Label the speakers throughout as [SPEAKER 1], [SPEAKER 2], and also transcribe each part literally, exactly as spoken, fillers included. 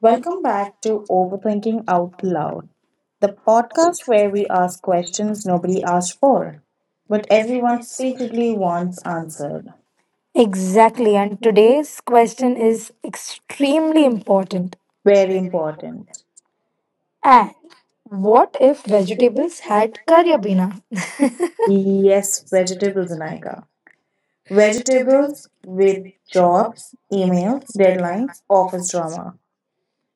[SPEAKER 1] Welcome back to Overthinking Out Loud, the podcast where we ask questions nobody asked for, but everyone secretly wants answered.
[SPEAKER 2] Exactly, and today's
[SPEAKER 1] Well,
[SPEAKER 2] question is extremely important.
[SPEAKER 1] very important.
[SPEAKER 2] And
[SPEAKER 1] What
[SPEAKER 2] what
[SPEAKER 1] is
[SPEAKER 2] if
[SPEAKER 1] vegetable
[SPEAKER 2] vegetables
[SPEAKER 1] and
[SPEAKER 2] had career
[SPEAKER 1] soybean?
[SPEAKER 2] bina?
[SPEAKER 1] Yes, vegetables, Naika. Vegetables with jobs, emails, deadlines, office drama.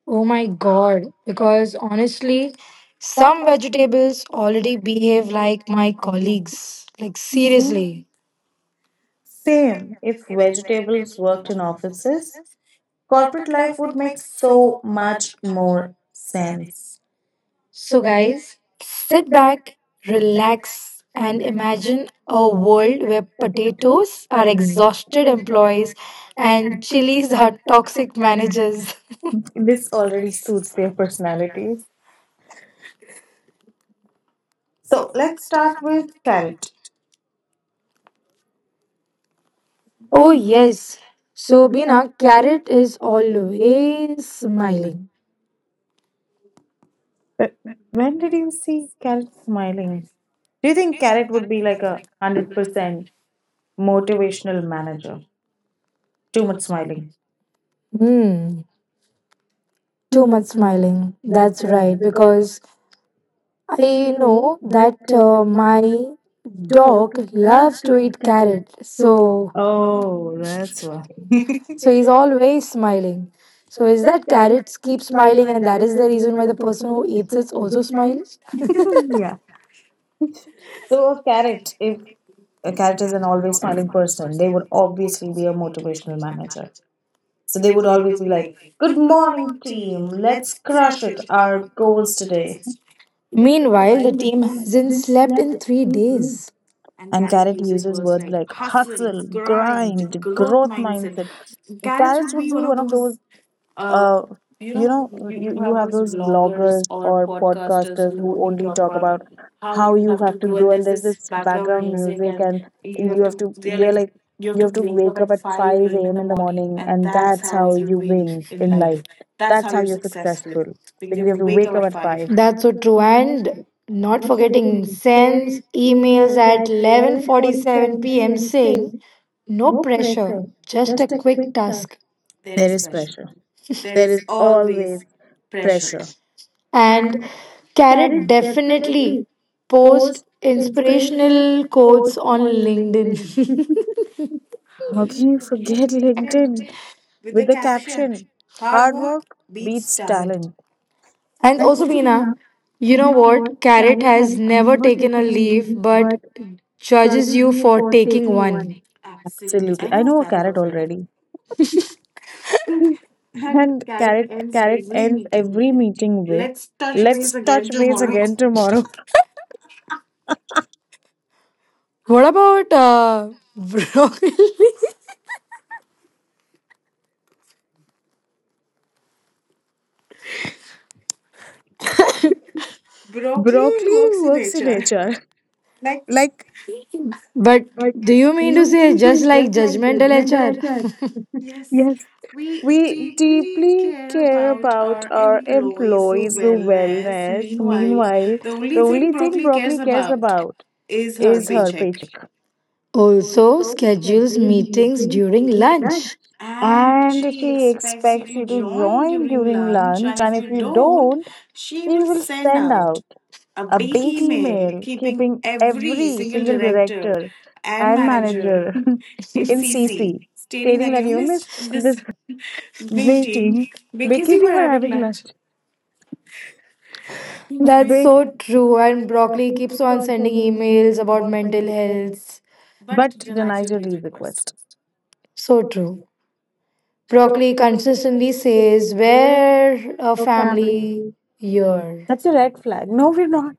[SPEAKER 2] Oh my god, because honestly, some vegetables already behave like my colleagues. Like, seriously.
[SPEAKER 1] Same. If vegetables worked in offices, corporate life would make so much more sense. So,
[SPEAKER 2] So,
[SPEAKER 1] guys,
[SPEAKER 2] guys, sit back,
[SPEAKER 1] relax
[SPEAKER 2] relax,
[SPEAKER 1] and
[SPEAKER 2] and
[SPEAKER 1] imagine
[SPEAKER 2] imagine
[SPEAKER 1] a
[SPEAKER 2] a
[SPEAKER 1] world
[SPEAKER 2] world where
[SPEAKER 1] tools
[SPEAKER 2] potatoes
[SPEAKER 1] are
[SPEAKER 2] are
[SPEAKER 1] exhausted
[SPEAKER 2] exhausted
[SPEAKER 1] employees
[SPEAKER 2] employees
[SPEAKER 1] and
[SPEAKER 2] and
[SPEAKER 1] these
[SPEAKER 2] chilies
[SPEAKER 1] are
[SPEAKER 2] are toxic
[SPEAKER 1] managed.
[SPEAKER 2] managers.
[SPEAKER 1] This already suits their personality. So let's start with carrot. Oh,
[SPEAKER 2] Oh, yes. So,
[SPEAKER 1] Sabina,
[SPEAKER 2] Bina, Carrot is
[SPEAKER 1] always
[SPEAKER 2] always
[SPEAKER 1] smiling.
[SPEAKER 2] smiling.
[SPEAKER 1] But when did you see carrot smiling? Do you think carrot would be like a hundred percent? Motivational manager. Too much smiling.
[SPEAKER 2] Hmm,
[SPEAKER 1] Too
[SPEAKER 2] too
[SPEAKER 1] much
[SPEAKER 2] much
[SPEAKER 1] smiling.
[SPEAKER 2] smiling.
[SPEAKER 1] That's
[SPEAKER 2] That's
[SPEAKER 1] right.
[SPEAKER 2] right, because
[SPEAKER 1] I
[SPEAKER 2] I know
[SPEAKER 1] know that
[SPEAKER 2] that uh,
[SPEAKER 1] uh,
[SPEAKER 2] my
[SPEAKER 1] dog
[SPEAKER 2] dog
[SPEAKER 1] loves
[SPEAKER 2] loves
[SPEAKER 1] to
[SPEAKER 2] to
[SPEAKER 1] eat
[SPEAKER 2] eat
[SPEAKER 1] carrots.
[SPEAKER 2] carrot.
[SPEAKER 1] So
[SPEAKER 2] So,
[SPEAKER 1] oh, that's why.
[SPEAKER 2] so he's always smiling. So, is that carrots keep
[SPEAKER 1] Smiling
[SPEAKER 2] smiling, and that is the reason why the person
[SPEAKER 1] also
[SPEAKER 2] who
[SPEAKER 1] is
[SPEAKER 2] eats it also
[SPEAKER 1] a smile.
[SPEAKER 2] smiles?
[SPEAKER 1] Yeah. So a carrot, if a carrot is an always smiling person, they would obviously be a motivational manager. So they would always be like, "Good morning, team. Let's crush it. Our goals today." Meanwhile,
[SPEAKER 2] Meanwhile, the
[SPEAKER 1] the
[SPEAKER 2] team
[SPEAKER 1] team
[SPEAKER 2] hasn't
[SPEAKER 1] hasn't
[SPEAKER 2] slept
[SPEAKER 1] slept
[SPEAKER 2] in
[SPEAKER 1] in
[SPEAKER 2] three
[SPEAKER 1] three days.
[SPEAKER 2] days.
[SPEAKER 1] And Carrot uses words like hustle, grind, growth mindset. Carrots would be one of those, uh, you know, you, you have those vloggers or podcasters who only talk about how you have to grow, and there's this background music, and you have to, they're like, you have to wake up at five a m in the morning, and that's how you win in life. That's how you're successful because you have to wake up at five.
[SPEAKER 2] That's so true. And not forgetting sends
[SPEAKER 1] Then
[SPEAKER 2] emails
[SPEAKER 1] emails
[SPEAKER 2] at
[SPEAKER 1] at
[SPEAKER 2] 11:47
[SPEAKER 1] 11:47
[SPEAKER 2] p.m.
[SPEAKER 1] p.m.
[SPEAKER 2] saying
[SPEAKER 1] saying,
[SPEAKER 2] no
[SPEAKER 1] "No
[SPEAKER 2] pressure,
[SPEAKER 1] pressure,
[SPEAKER 2] just a quick
[SPEAKER 1] Tuck."
[SPEAKER 2] task.
[SPEAKER 1] There is pressure. There is always pressure.
[SPEAKER 2] And
[SPEAKER 1] And
[SPEAKER 2] Carrot
[SPEAKER 1] carried
[SPEAKER 2] definitely
[SPEAKER 1] lightly.
[SPEAKER 2] post
[SPEAKER 1] Post
[SPEAKER 2] inspirational
[SPEAKER 1] inspirational
[SPEAKER 2] quotes
[SPEAKER 1] quotes
[SPEAKER 2] on
[SPEAKER 1] on
[SPEAKER 2] LinkedIn.
[SPEAKER 1] how LinkedIn. Can you forget LinkedIn with the caption, "Hard work beats talent"?
[SPEAKER 2] And
[SPEAKER 1] And
[SPEAKER 2] also
[SPEAKER 1] also,
[SPEAKER 2] Beena,
[SPEAKER 1] Meena,
[SPEAKER 2] you
[SPEAKER 1] you
[SPEAKER 2] know
[SPEAKER 1] know
[SPEAKER 2] what?
[SPEAKER 1] what?
[SPEAKER 2] Carrot has never
[SPEAKER 1] Never
[SPEAKER 2] taken a
[SPEAKER 1] gonna
[SPEAKER 2] leave
[SPEAKER 1] leave,
[SPEAKER 2] but
[SPEAKER 1] but
[SPEAKER 2] judges you
[SPEAKER 1] you
[SPEAKER 2] for
[SPEAKER 1] for
[SPEAKER 2] taking
[SPEAKER 1] taking
[SPEAKER 2] one.
[SPEAKER 1] one. Absolutely. I know a carrot already. And carrot ends every meeting with, "Let's touch base again tomorrow."
[SPEAKER 2] What about uh broccoli?
[SPEAKER 1] Broccoli works in H R. Like,
[SPEAKER 2] But
[SPEAKER 1] but
[SPEAKER 2] do you mean
[SPEAKER 1] you
[SPEAKER 2] to
[SPEAKER 1] need
[SPEAKER 2] say
[SPEAKER 1] to be
[SPEAKER 2] just like judgmental
[SPEAKER 1] H R.
[SPEAKER 2] H R?
[SPEAKER 1] Yes, we deeply care about our employees' wellness. Meanwhile, the only thing broccoli cares about is her paycheck.
[SPEAKER 2] Also
[SPEAKER 1] Also, that
[SPEAKER 2] schedules
[SPEAKER 1] you
[SPEAKER 2] meetings
[SPEAKER 1] think
[SPEAKER 2] during
[SPEAKER 1] that.
[SPEAKER 2] lunch.
[SPEAKER 1] And she expects you to join during lunch, and if you don't, she will stand out. A big email keeping every single director and manager in C C, stating that you missed this meeting because you were having lunch
[SPEAKER 2] That's
[SPEAKER 1] break,
[SPEAKER 2] so true. And Broccoli keeps on sending emails about mental health.
[SPEAKER 1] but denied your leave request.
[SPEAKER 2] So true. Broccoli
[SPEAKER 1] Broccoli
[SPEAKER 2] consistently
[SPEAKER 1] consistently
[SPEAKER 2] says,
[SPEAKER 1] says, "We're
[SPEAKER 2] "We're a
[SPEAKER 1] a
[SPEAKER 2] family
[SPEAKER 1] family here."
[SPEAKER 2] year."
[SPEAKER 1] That's a red flag. No, we're not.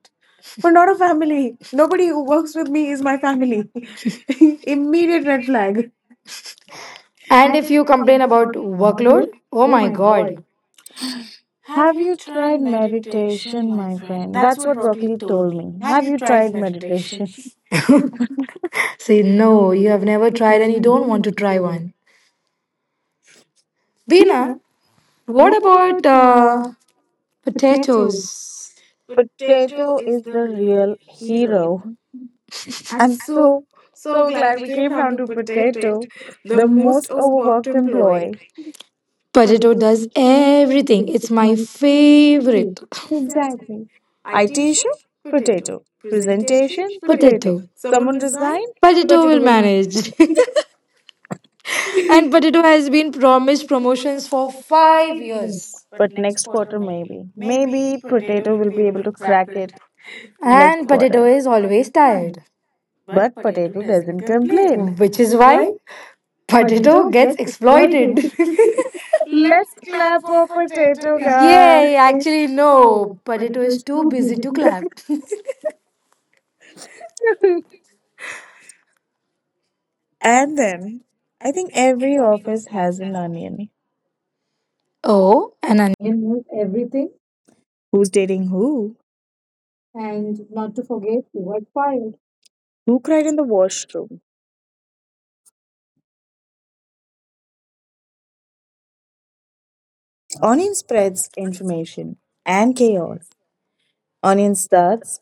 [SPEAKER 1] We're not a family. Nobody who works with me is my family. Immediate red flag.
[SPEAKER 2] And
[SPEAKER 1] And
[SPEAKER 2] if
[SPEAKER 1] it's
[SPEAKER 2] you complain about workload,
[SPEAKER 1] Broccoli.
[SPEAKER 2] oh
[SPEAKER 1] Oh
[SPEAKER 2] my
[SPEAKER 1] my
[SPEAKER 2] god.
[SPEAKER 1] god. Have you tried meditation, my friend? That's what broccoli told me. Have you tried meditation?
[SPEAKER 2] Say, no, you have never tried and you
[SPEAKER 1] And you
[SPEAKER 2] don't
[SPEAKER 1] don't
[SPEAKER 2] want to
[SPEAKER 1] want to
[SPEAKER 2] try one.
[SPEAKER 1] be
[SPEAKER 2] Veena,
[SPEAKER 1] like
[SPEAKER 2] what about uh,
[SPEAKER 1] potatoes.
[SPEAKER 2] potatoes?
[SPEAKER 1] Potato is the real hero. I'm so, so glad we came down to Potato, the most overworked employee.
[SPEAKER 2] Potato does everything. It's my
[SPEAKER 1] My
[SPEAKER 2] favorite.
[SPEAKER 1] exactly. I T
[SPEAKER 2] Ideation,
[SPEAKER 1] issue?
[SPEAKER 2] Potato.
[SPEAKER 1] Potato.
[SPEAKER 2] Presentation,
[SPEAKER 1] Presentation? pot-
[SPEAKER 2] Potato. Someone
[SPEAKER 1] Someone
[SPEAKER 2] resign?
[SPEAKER 1] resigned?
[SPEAKER 2] Potato will manage. And
[SPEAKER 1] I
[SPEAKER 2] Potato has been promised promotions for five
[SPEAKER 1] do.
[SPEAKER 2] years.
[SPEAKER 1] But next quarter, maybe. Maybe Potato will be able to crack it next
[SPEAKER 2] And
[SPEAKER 1] quarter.
[SPEAKER 2] Potato is always tired. But
[SPEAKER 1] But
[SPEAKER 2] potato
[SPEAKER 1] potato
[SPEAKER 2] doesn't
[SPEAKER 1] doesn't complain.
[SPEAKER 2] complain. Which
[SPEAKER 1] Which
[SPEAKER 2] is
[SPEAKER 1] is
[SPEAKER 2] why
[SPEAKER 1] why
[SPEAKER 2] Potato
[SPEAKER 1] potato
[SPEAKER 2] gets
[SPEAKER 1] gets exploited.
[SPEAKER 2] exploited. Let's
[SPEAKER 1] Let's
[SPEAKER 2] clap
[SPEAKER 1] clap
[SPEAKER 2] for
[SPEAKER 1] for
[SPEAKER 2] potato.
[SPEAKER 1] potato
[SPEAKER 2] Guys.
[SPEAKER 1] guy.
[SPEAKER 2] Yay, actually, no.
[SPEAKER 1] No,
[SPEAKER 2] Potato
[SPEAKER 1] potato
[SPEAKER 2] is
[SPEAKER 1] is
[SPEAKER 2] too
[SPEAKER 1] too
[SPEAKER 2] busy
[SPEAKER 1] busy.
[SPEAKER 2] to clap.
[SPEAKER 1] And then I think every office has an onion.
[SPEAKER 2] Oh, an onion.
[SPEAKER 1] In knows everything. Who's dating who? And not to forget, who got fired. Who cried in the washroom? Onion
[SPEAKER 3] Spreads
[SPEAKER 1] spreads
[SPEAKER 3] information
[SPEAKER 1] information and
[SPEAKER 3] and chaos.
[SPEAKER 1] chaos.
[SPEAKER 3] Onion
[SPEAKER 1] Onion
[SPEAKER 3] inserts
[SPEAKER 1] starts.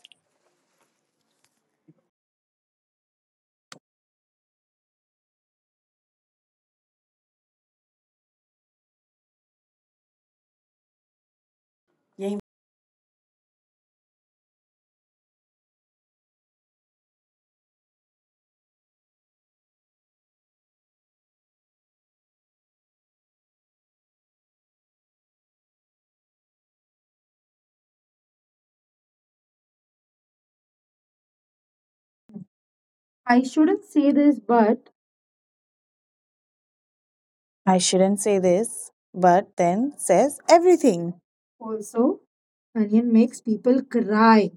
[SPEAKER 1] I shouldn't say this, but I shouldn't say this, but then says everything. Also, Onion makes people cry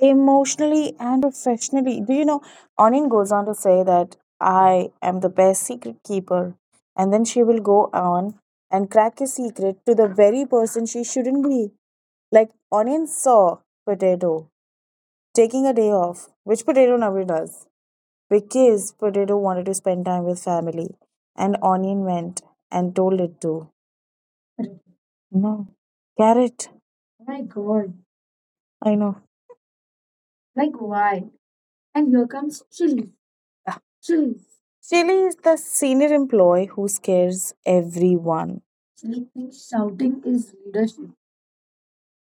[SPEAKER 1] emotionally and professionally. Do you know? Onion goes on to say that, "I am the best secret keeper," and then she will go on and crack a secret to the very person she shouldn't be. Like Onion saw Potato taking a day off, which Potato never does because Potato wanted to spend time with family, and Onion went and told it to. No, Carrot. Oh my god. I know. Like, why? And here comes Chili. Ah, Chili. Chili is the senior employee who scares everyone. Chili thinks shouting is leadership.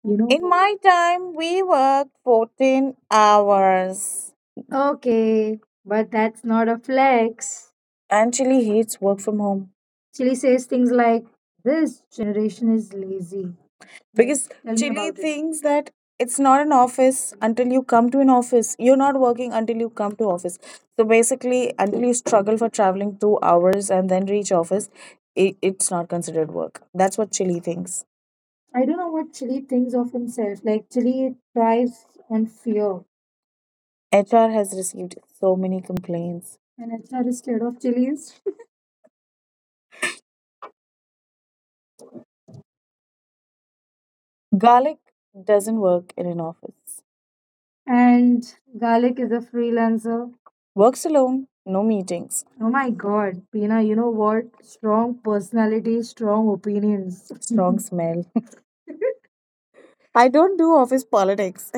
[SPEAKER 1] You know? In my time, we worked fourteen hours. Okay, but that's not a flex. And Chile hates work from home. Chili says things like, "This generation is lazy." Like, because tell me Chile about it. Thinks that it's not an office until you come to an office. You're not working until you come to office. So basically, until you struggle for traveling two hours and then reach office, it, it's not considered work. That's what Chile thinks. I don't know what Chili thinks of himself. Like, Chili thrives on fear, H R has received so many complaints. And H R is scared of chilies. Garlic doesn't work in an office. And Garlic is a freelancer. Works alone, no meetings. Oh my god, Pina, you know what? Strong personality, strong opinions. Strong smell. I don't do office politics.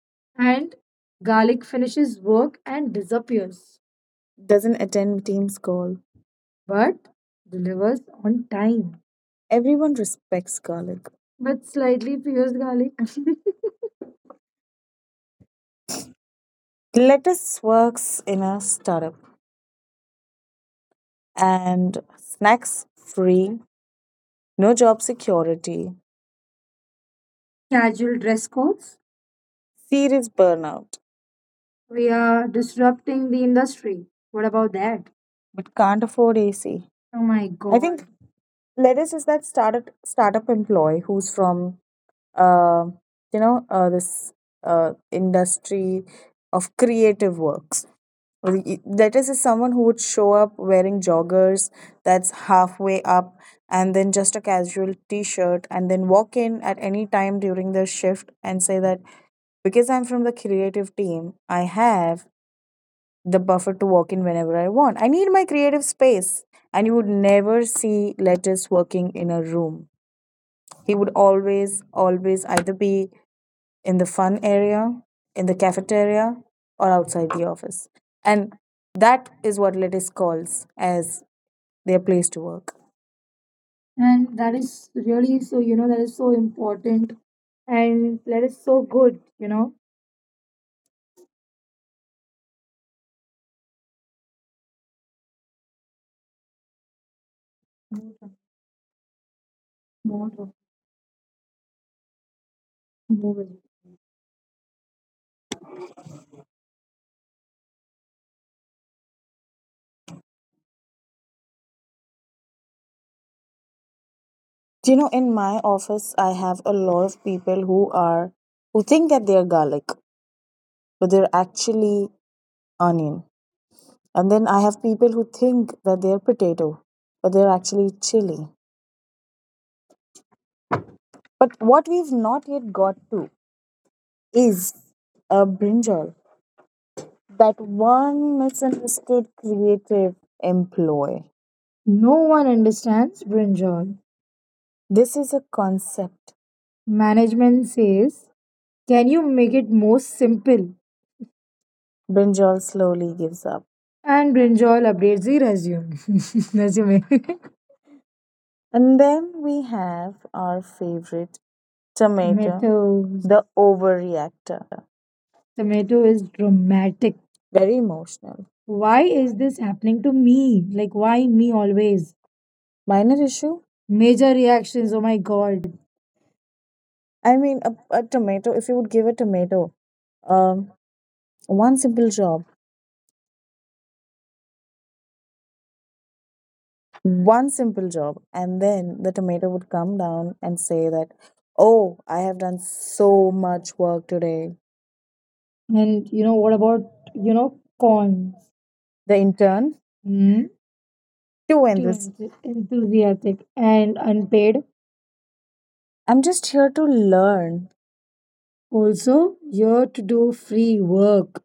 [SPEAKER 1] And Garlic finishes work and disappears. Doesn't attend team's goal. But delivers on time. Everyone respects garlic. But slightly fears garlic. Lettuce works in a startup and snacks free, no job security, casual dress codes, serious burnout. We are disrupting the industry. What about that? But can't afford A C. Oh my God! I think Lettuce is that startup startup employee who's from uh, you know uh, this uh, industry of creative works. Lettuce is someone who would show up wearing joggers that's halfway up and then just a casual t-shirt and then walk in at any time during their shift and say that because I'm from the creative team, I have the buffer to walk in whenever I want. I need my creative space. And you would never see letters working in a room. He would always, always either be in the fun area, in the cafeteria, or outside the office. And that is what Lettuce calls as their place to work. And that is really so, you know, that is so important and that is so good, you know. Do you know, in my office, I have a lot of people who are who think that they are garlic, but they're actually onion. And then I have people who think that they're potato, but they're actually chili. But what we've not yet got to is a brinjal, that one misunderstood creative employee. No one understands brinjal. This is a concept. Management says, "Can you make it more simple?" Brinjal slowly gives up. And Brinjal updates the resume. Resume. And then we have our favorite tomato, tomatoes, the overreactor. Tomato is dramatic. Very emotional. Why is this happening to me? Like, why me always? Minor issue? Major reactions. Oh my god. I mean, a, a tomato, if you would give a tomato um, one simple job, one simple job and then the tomato would come down and say that, "Oh, I have done so much work today." And you know what about, you know, corn? The intern. Hmm? Too Too enthusiastic enthu- enthusiastic and unpaid. I'm just here to learn. Also, here to do free work.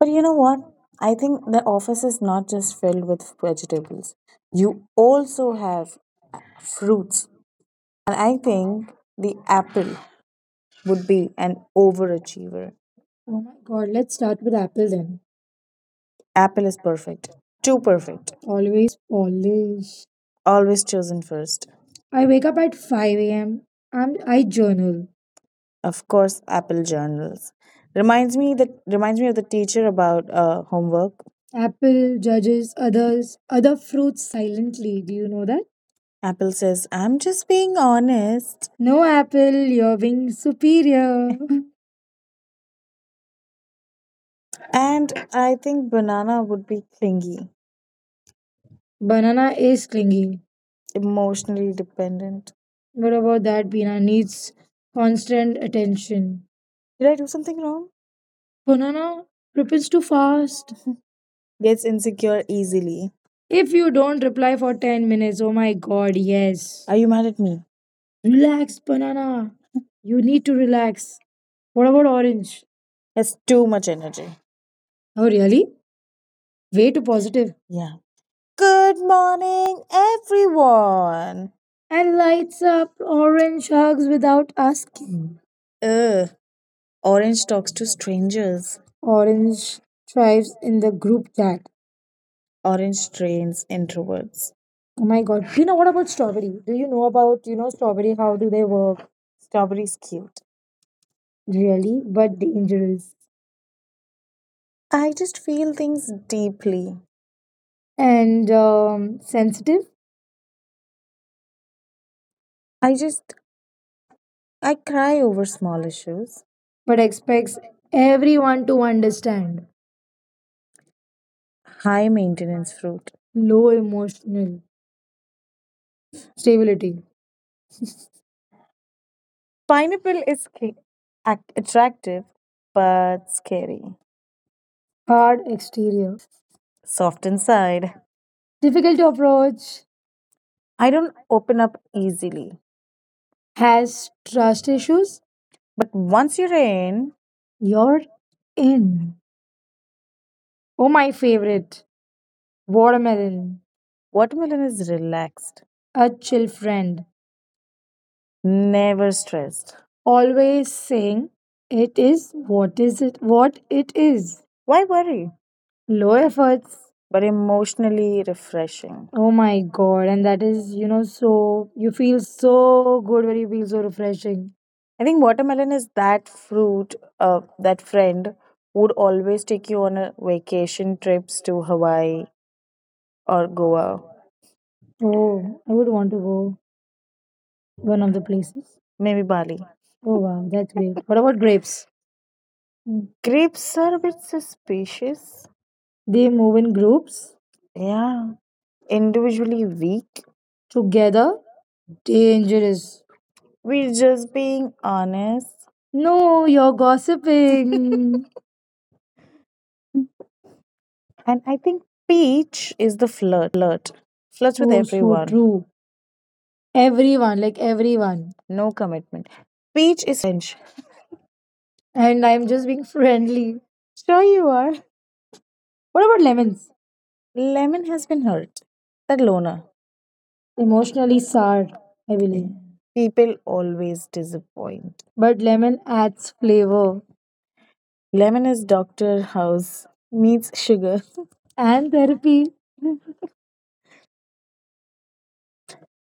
[SPEAKER 1] But you know what, I think the office is not just filled with vegetables, you also have fruits. And I think the apple would be an overachiever. Oh my god, let's start with Apple then. Apple is perfect, too perfect, always polished, always chosen first. I wake up at five a m. I'm, I journal. Of course, Apple journals reminds me that reminds me of the teacher about uh, homework. Apple judges others, other fruits silently. Do you know that? Apple says, "I'm just being honest." No, Apple, you're being superior. And I think banana would be clingy. Banana is clingy, emotionally dependent. What about that? Banana needs constant attention. Did I do something wrong? Banana replies too fast. Gets insecure easily. If you don't reply for ten minutes, oh my god, yes. Are you mad at me? Relax, banana. You need to relax. What about orange? Has too much energy. Oh, really? Way too positive. Yeah. Good morning, everyone. And lights up orange hugs without asking. Ugh. Orange talks to strangers. Orange thrives in the group chat. Orange trains introverts. Oh my god. You know what about strawberry? Do you know about, you know, strawberry? How do they work? Strawberry's cute, really, but dangerous. I just feel things deeply. And um, sensitive, I just, I cry over small issues, but expects everyone to understand. High maintenance fruit. Low emotional stability. Pineapple is sca- ac- attractive but scary. Hard exterior. Soft inside. Difficult to approach. I don't open up easily. Has trust issues. But once you're in, you're in. Oh, my favorite. Watermelon. Watermelon is relaxed, a chill friend, never stressed. Always saying it is what is it what it is. Why worry? Low efforts, but emotionally refreshing. Oh my god. And that is, you know, so you feel so good when you feel so refreshing. I think watermelon is that fruit, uh, that friend who would always take you on a vacation trips to Hawaii or Goa. Oh, I would want to go one of the places. Maybe Bali. Oh wow, that's great. What about grapes? Grapes are a bit suspicious. They move in groups. Yeah. Individually weak. Together, dangerous. We're just being honest. No, you're gossiping. And I think Peach is the flirt. Flirts with so, so everyone. True. Everyone, like everyone. No commitment. Peach is French. And I'm just being friendly. Sure you are. What about lemons? Lemon has been hurt. That loner. Emotionally sour, I believe. People always disappoint. But lemon adds flavor. Lemon is Doctor House meets sugar and therapy.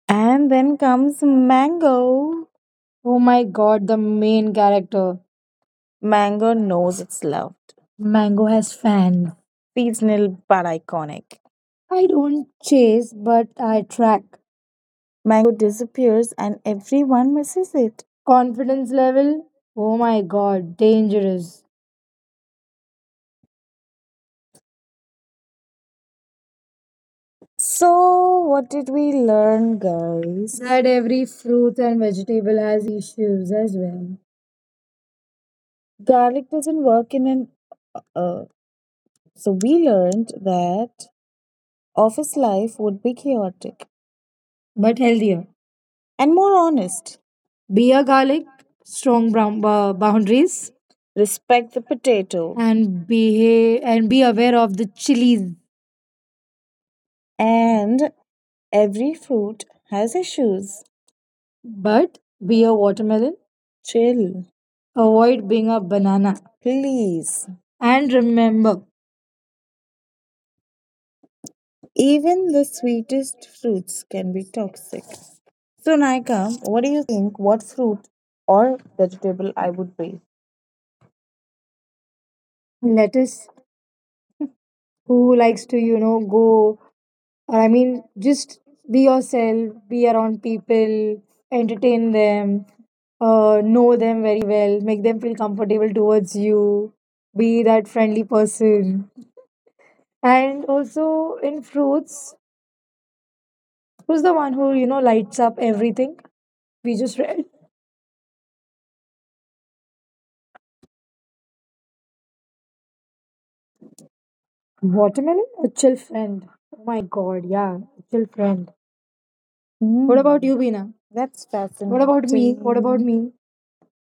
[SPEAKER 1] And then comes mango. Oh my god, the main character. Mango knows it's loved. Mango has fans. Seasonal but iconic. I don't chase, but I track. Mango disappears and everyone misses it. Confidence level? Oh my god, dangerous. So, what did we learn, guys? That every fruit and vegetable has issues as well. Garlic doesn't work in an. Uh, so, we learned that office life would be chaotic. But healthier and more honest. Beer garlic, strong brown uh, boundaries, respect the potato, and behave and be aware of the chilies. And every fruit has issues. But be a watermelon. Chill. Avoid being a banana, please. And remember, even the sweetest fruits can be toxic. So, Naika, what do you think? What fruit or vegetable I would be? Let us who likes to, you know, go or I mean just be yourself, be around people, entertain them, uh, know them very well, make them feel comfortable towards you, be that friendly person. And also in fruits, who's the one who, you know, lights up everything we just read? Watermelon. A chill friend. Oh my god, yeah. A chill friend. What Hmm. about you, Bina? That's what fascinating. about me what about me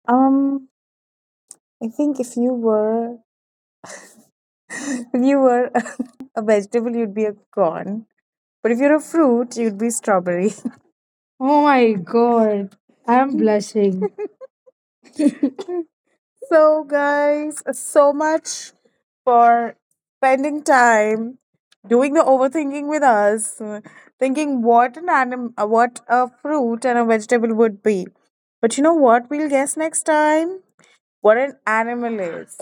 [SPEAKER 1] Um, I think if you were if you were a vegetable, you'd be a corn. But if you're a fruit, you'd be strawberry. Oh my god, I'm blushing. So guys, so much for spending time doing the overthinking with us, uh, thinking what an anim- uh, what a fruit and a vegetable would be. But you know what? We'll guess next time what an animal is.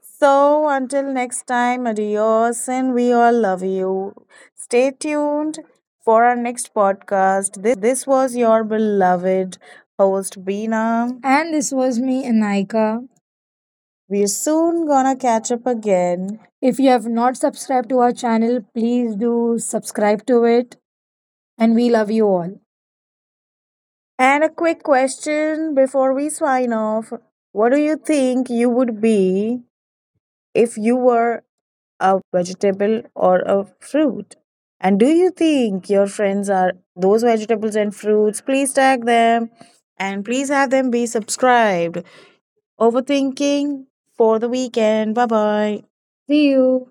[SPEAKER 1] So until next time, adios, and we all love you. Stay tuned for our next podcast. This was your beloved host, Beena. And this was me, Anaika. We're soon gonna catch up again. If you have not subscribed to our channel, please do subscribe to it. And we love you all. And a quick question before we sign off. What do you think you would be if you were a vegetable or a fruit? And do you think your friends are those vegetables and fruits? Please tag them and please have them be subscribed. Overthinking for the weekend. Bye bye. See you.